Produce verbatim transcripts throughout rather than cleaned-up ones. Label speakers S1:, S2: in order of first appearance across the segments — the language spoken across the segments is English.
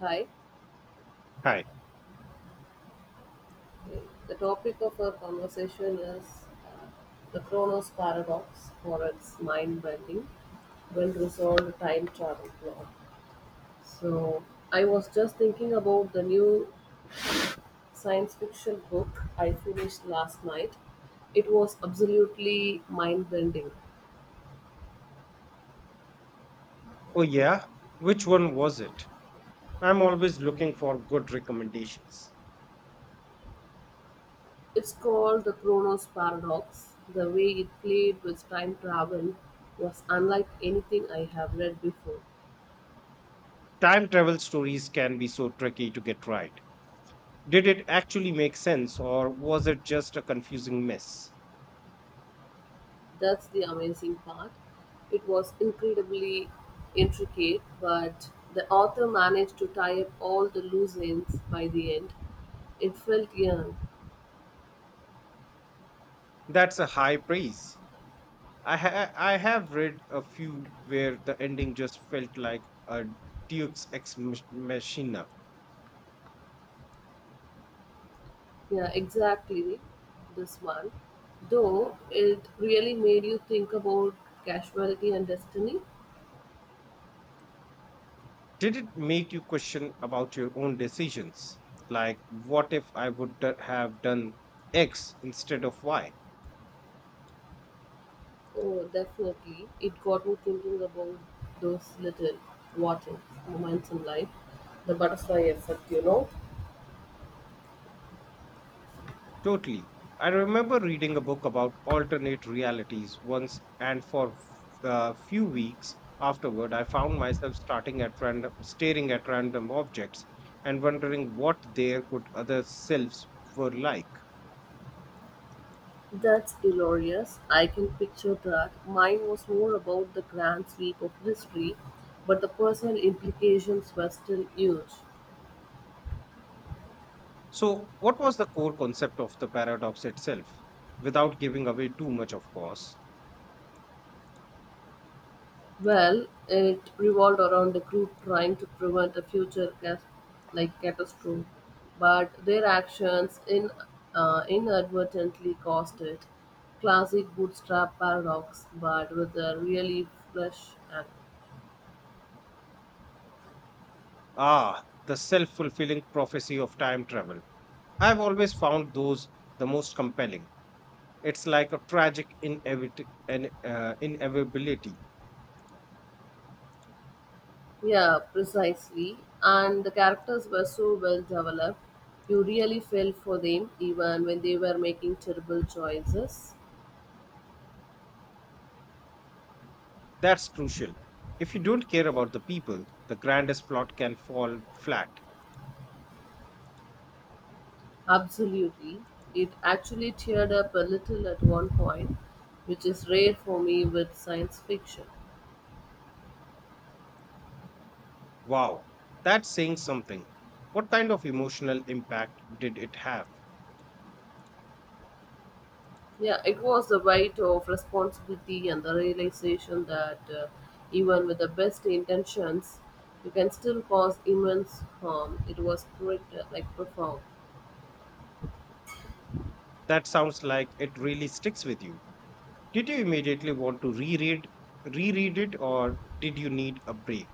S1: Hi.
S2: Hi.
S1: The topic of our conversation is the Kronos paradox for its mind bending, well resolved time travel plot. So, I was just thinking about the new science fiction book I finished last night. It was absolutely mind bending.
S2: Oh, yeah? Which one was it? I'm always looking for good recommendations.
S1: It's called The Kronos Paradox. The way it played with time travel was unlike anything I have read before.
S2: Time travel stories can be so tricky to get right. Did it actually make sense or was it just a confusing mess?
S1: That's the amazing part. It was incredibly intricate, but the author managed to tie up all the loose ends by the end. It felt young.
S2: That's a high praise. I, ha- I have read a few where the ending just felt like a Duke's ex mach- machina.
S1: Yeah, exactly. This one. Though it really made you think about casualty and destiny.
S2: Did it make you question about your own decisions? Like, what if I would d- have done X instead of Y?
S1: Oh, definitely. It got me thinking about those little what ifs moments in life. The butterfly effect, you know.
S2: Totally. I remember reading a book about alternate realities once, and for a few weeks afterward, I found myself starting at random, staring at random objects and wondering what their good other selves were like.
S1: That's glorious. I can picture that. Mine was more about the grand sweep of history, but the personal implications were still huge.
S2: So, what was the core concept of the paradox itself? Without giving away too much, of course.
S1: Well, it revolved around a group trying to prevent a future cas- like catastrophe, but their actions in uh, inadvertently caused it. Classic bootstrap paradox, but with a really fresh angle.
S2: Ah, the self fulfilling prophecy of time travel. I've always found those the most compelling. It's like a tragic inevit- an, uh, inevitability.
S1: Yeah, precisely. And the characters were so well developed, you really felt for them even when they were making terrible choices.
S2: That's crucial. If you don't care about the people, the grandest plot can fall flat.
S1: Absolutely. It actually teared up a little at one point, which is rare for me with science fiction.
S2: Wow, that's saying something. What kind of emotional impact did it have?
S1: Yeah, it was the weight of responsibility and the realization that uh, even with the best intentions, you can still cause immense harm. It was quite uh, like profound.
S2: That sounds like it really sticks with you. Did you immediately want to reread reread it or did you need a break?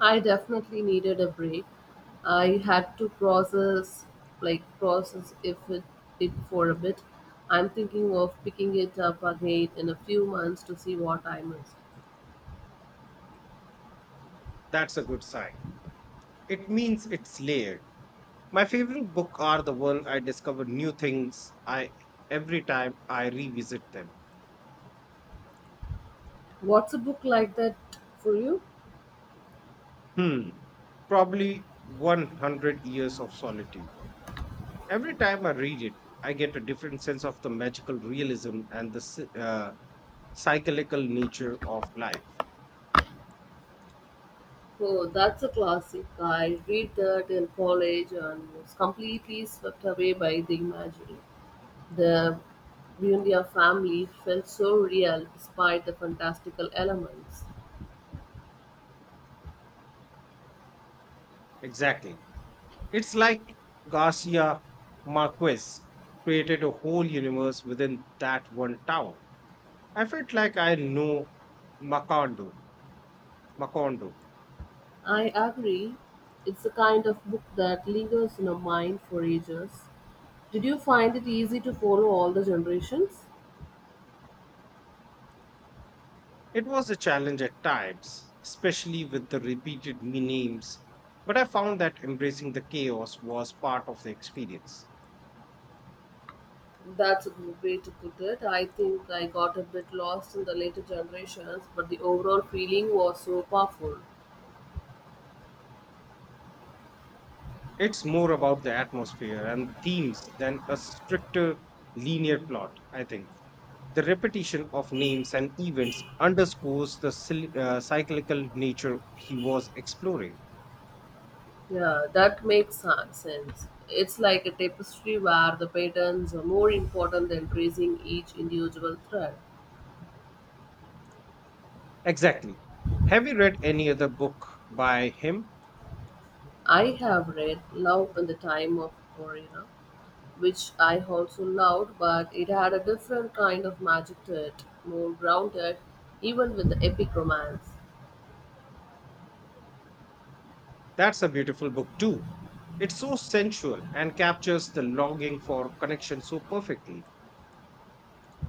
S1: I definitely needed a break. I had to process like process if it it for a bit. I'm thinking of picking it up again in a few months to see what I missed.
S2: That's a good sign. It means it's layered. My favorite book are the one I discover new things I every time I revisit them.
S1: What's a book like that for you?
S2: Hmm. Probably one hundred years of solitude. Every time I read it, I get a different sense of the magical realism and the psy- uh, cyclical nature of life.
S1: Oh, that's a classic. I read that in college and was completely swept away by the imagery. The Buendia family felt so real despite the fantastical elements.
S2: Exactly. It's like Garcia Marquez created a whole universe within that one town. I felt like I know Macondo, Macondo
S1: I agree. It's the kind of book that lingers in our mind for ages. Did you find it easy to follow all the generations?
S2: It was a challenge at times, especially with the repeated me- names, but I found that embracing the chaos was part of the experience.
S1: That's a good way to put it. I think I got a bit lost in the later generations, but the overall feeling was so powerful.
S2: It's more about the atmosphere and themes than a stricter linear plot, I think. The repetition of names and events underscores the sil- uh, cyclical nature he was exploring.
S1: Yeah, that makes sen- sense. It's like a tapestry where the patterns are more important than tracing each individual thread.
S2: Exactly. Have you read any other book by him?
S1: I have read Love in the Time of Corina, which I also loved, but it had a different kind of magic to it, more grounded, even with the epic romance.
S2: That's a beautiful book, too. It's so sensual and captures the longing for connection so perfectly.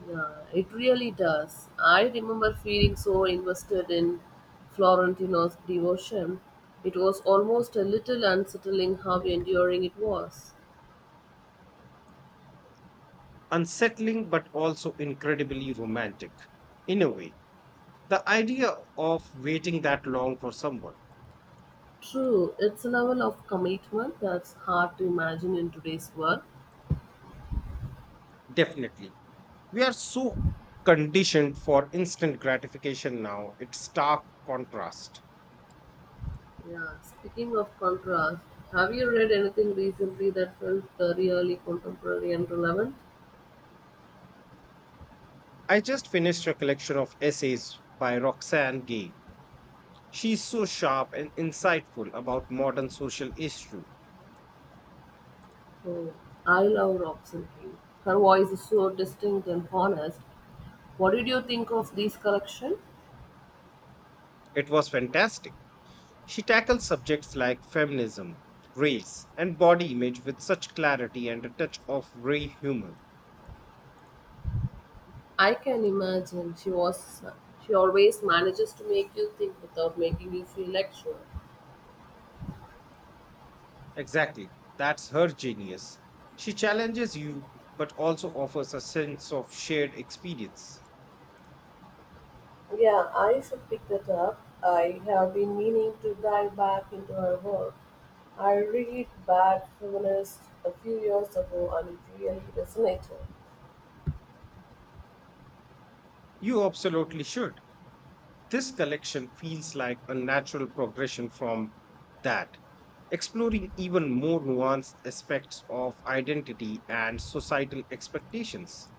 S1: Yeah, it really does. I remember feeling so invested in Florentino's devotion. It was almost a little unsettling how enduring it was.
S2: Unsettling but also incredibly romantic. In a way, the idea of waiting that long for someone.
S1: True, it's a level of commitment that's hard to imagine in today's world.
S2: Definitely. We are so conditioned for instant gratification now, it's stark contrast.
S1: Yeah, speaking of contrast, have you read anything recently that felt uh, really contemporary and relevant?
S2: I just finished a collection of essays by Roxane Gay. She's so sharp and insightful about modern social issue.
S1: Oh, I love Roxanne. King. Her voice is so distinct and honest. What did you think of this collection?
S2: It was fantastic. She tackles subjects like feminism, race, and body image with such clarity and a touch of grey humor.
S1: I can imagine she was she always manages to make you think without making you feel lectured.
S2: Exactly, that's her genius. She challenges you, but also offers a sense of shared experience.
S1: Yeah, I should pick that up. I have been meaning to dive back into her work. I read Bad Feminist a few years ago and it really resonated.
S2: You absolutely should. This collection feels like a natural progression from that, exploring even more nuanced aspects of identity and societal expectations.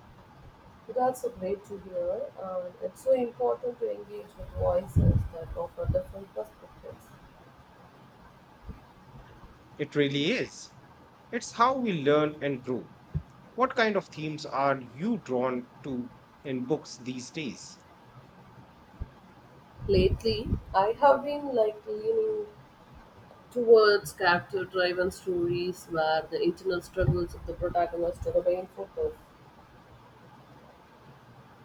S1: That's a great to hear, and it's so important to engage with voices that offer different perspectives.
S2: It really is. It's how we learn and grow. What kind of themes are you drawn to in books these days?
S1: Lately, I have been like leaning towards character-driven stories where the internal struggles of the protagonist are the main focus.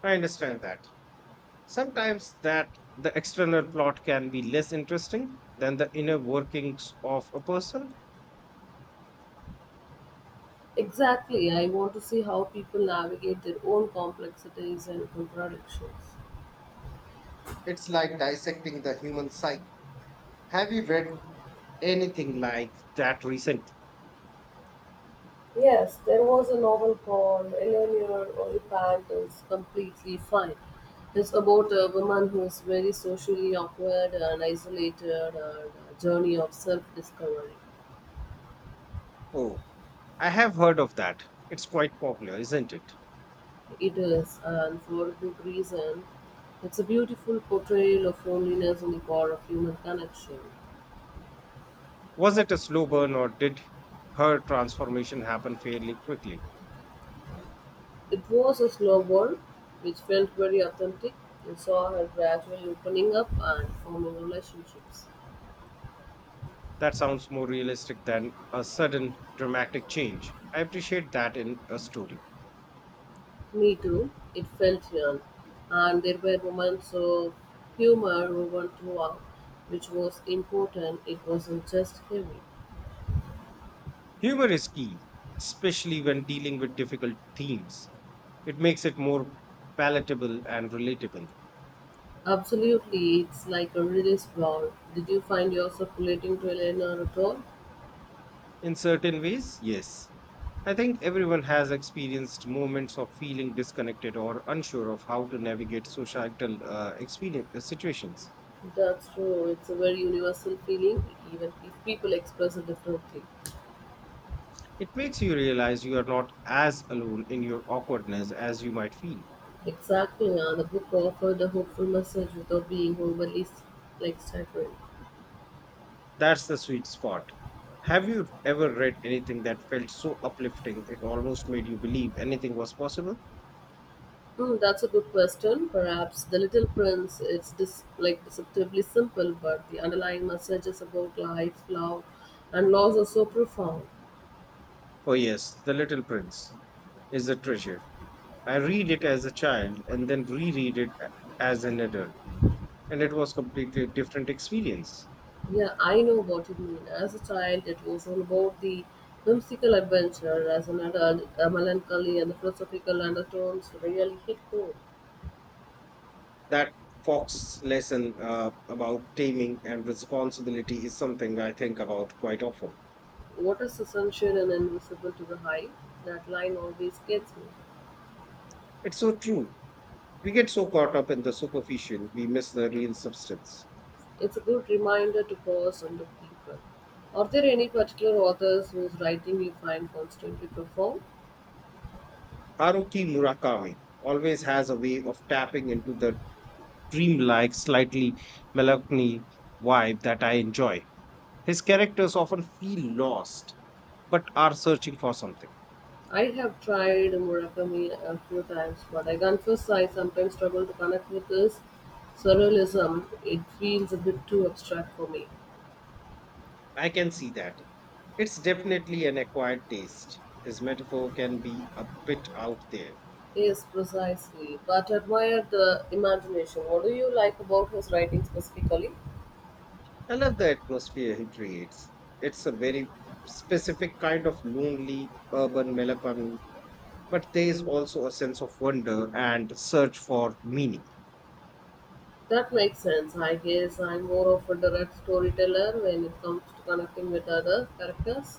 S2: I understand that. Sometimes that the external plot can be less interesting than the inner workings of a person.
S1: Exactly, I want to see how people navigate their own complexities and contradictions.
S2: It's like dissecting the human psyche. Have you read anything like that recent?
S1: Yes, there was a novel called Eleanor Oliphant is Completely Fine. It's about a woman who is very socially awkward and isolated and a journey of self discovery.
S2: Oh, I have heard of that. It's quite popular, isn't it?
S1: It is, and for good reason, it's a beautiful portrayal of loneliness and the power of human connection.
S2: Was it a slow burn or did her transformation happen fairly quickly?
S1: It was a slow burn, which felt very authentic. You saw her gradually opening up and forming relationships.
S2: That sounds more realistic than a sudden dramatic change. I appreciate that in a story.
S1: Me too. It felt yearn. And there were moments of humor woven throughout, which was important. It wasn't just heavy.
S2: Humor is key, especially when dealing with difficult themes. It makes it more palatable and relatable.
S1: Absolutely, it's like a release valve. Did you find yourself relating to Eleanor at all?
S2: In certain ways, yes. I think everyone has experienced moments of feeling disconnected or unsure of how to navigate societal uh, experience, uh, situations.
S1: That's true. It's a very universal feeling, even if people express it differently.
S2: It makes you realize you are not as alone in your awkwardness as you might feel.
S1: Exactly. And the book offered a hopeful message without being overly like staggering.
S2: That's the sweet spot. Have you ever read anything that felt so uplifting it almost made you believe anything was possible?
S1: Hmm, that's a good question. Perhaps The Little Prince is dis- like deceptively simple, but the underlying messages about life, love, and loss are so profound.
S2: Oh, yes, The Little Prince is a treasure. I read it as a child and then reread it a- as an adult, and it was completely different experience.
S1: Yeah, I know what you mean. As a child, it was all about the whimsical adventure. As an adult, the melancholy and the philosophical undertones really hit home.
S2: That Fox lesson uh, about taming and responsibility is something I think about quite often.
S1: What is essential and invisible to the high? That line always gets me.
S2: It's so true. We get so caught up in the superficial, we miss the real substance.
S1: It's a good reminder to pause and look deeper. Are there any particular authors whose writing you find constantly profound?
S2: Haruki Murakami always has a way of tapping into the dreamlike, slightly melancholy vibe that I enjoy. His characters often feel lost, but are searching for something.
S1: I have tried Murakami a few times, but I confess I sometimes struggle to connect with his surrealism. It feels a bit too abstract for me.
S2: I can see that. It's definitely an acquired taste. His metaphor can be a bit out there.
S1: Yes, precisely. But admire the imagination. What do you like about his writing specifically?
S2: I love the atmosphere he creates. It's a very specific kind of lonely urban melancholy, but there is also a sense of wonder and search for meaning.
S1: That makes sense. I guess I'm more of a direct storyteller when it comes to connecting with other characters.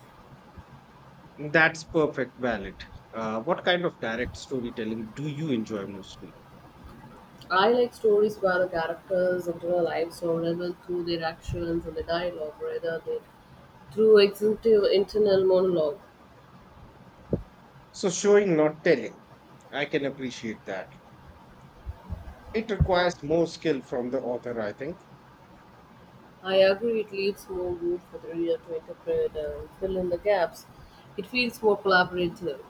S2: That's perfect, valid. Uh, what kind of direct storytelling do you enjoy mostly?
S1: I like stories where the characters' inner lives are relevant through their actions and the dialogue rather than through executive internal monologue.
S2: So, showing, not telling. I can appreciate that. It requires more skill from the author, I think.
S1: I agree it leaves more room for the reader to interpret and fill in the gaps. It feels more collaborative.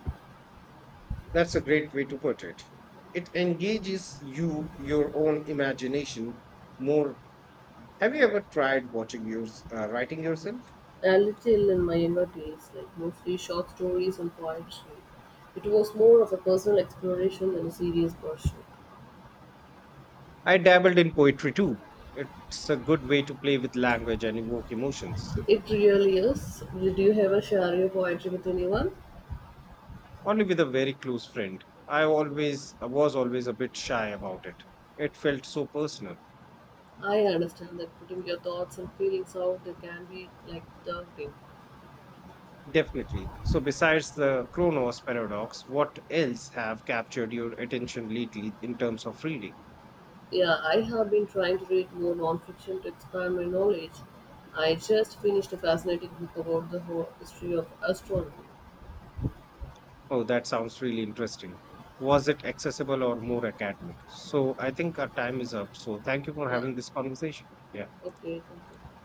S2: That's a great way to put it. It engages you, your own imagination more. Have you ever tried watching yours, uh, writing yourself?
S1: A little in my younger days, like mostly short stories and poetry. It was more of a personal exploration than a serious pursuit.
S2: I dabbled in poetry too. It's a good way to play with language and evoke emotions.
S1: It really is. Did you ever share your poetry with anyone?
S2: Only with a very close friend. I always I was always a bit shy about it. It felt so personal.
S1: I understand that putting your thoughts and feelings out there can be like daunting.
S2: Definitely. So besides the Kronos paradox, what else have captured your attention lately in terms of reading?
S1: Yeah, I have been trying to read more nonfiction to expand my knowledge. I just finished a fascinating book about the whole history of astronomy.
S2: Oh, that sounds really interesting. Was it accessible or more academic? So I think our time is up. So thank you for
S1: Yeah,
S2: having this conversation. Yeah.
S1: okay, thank you.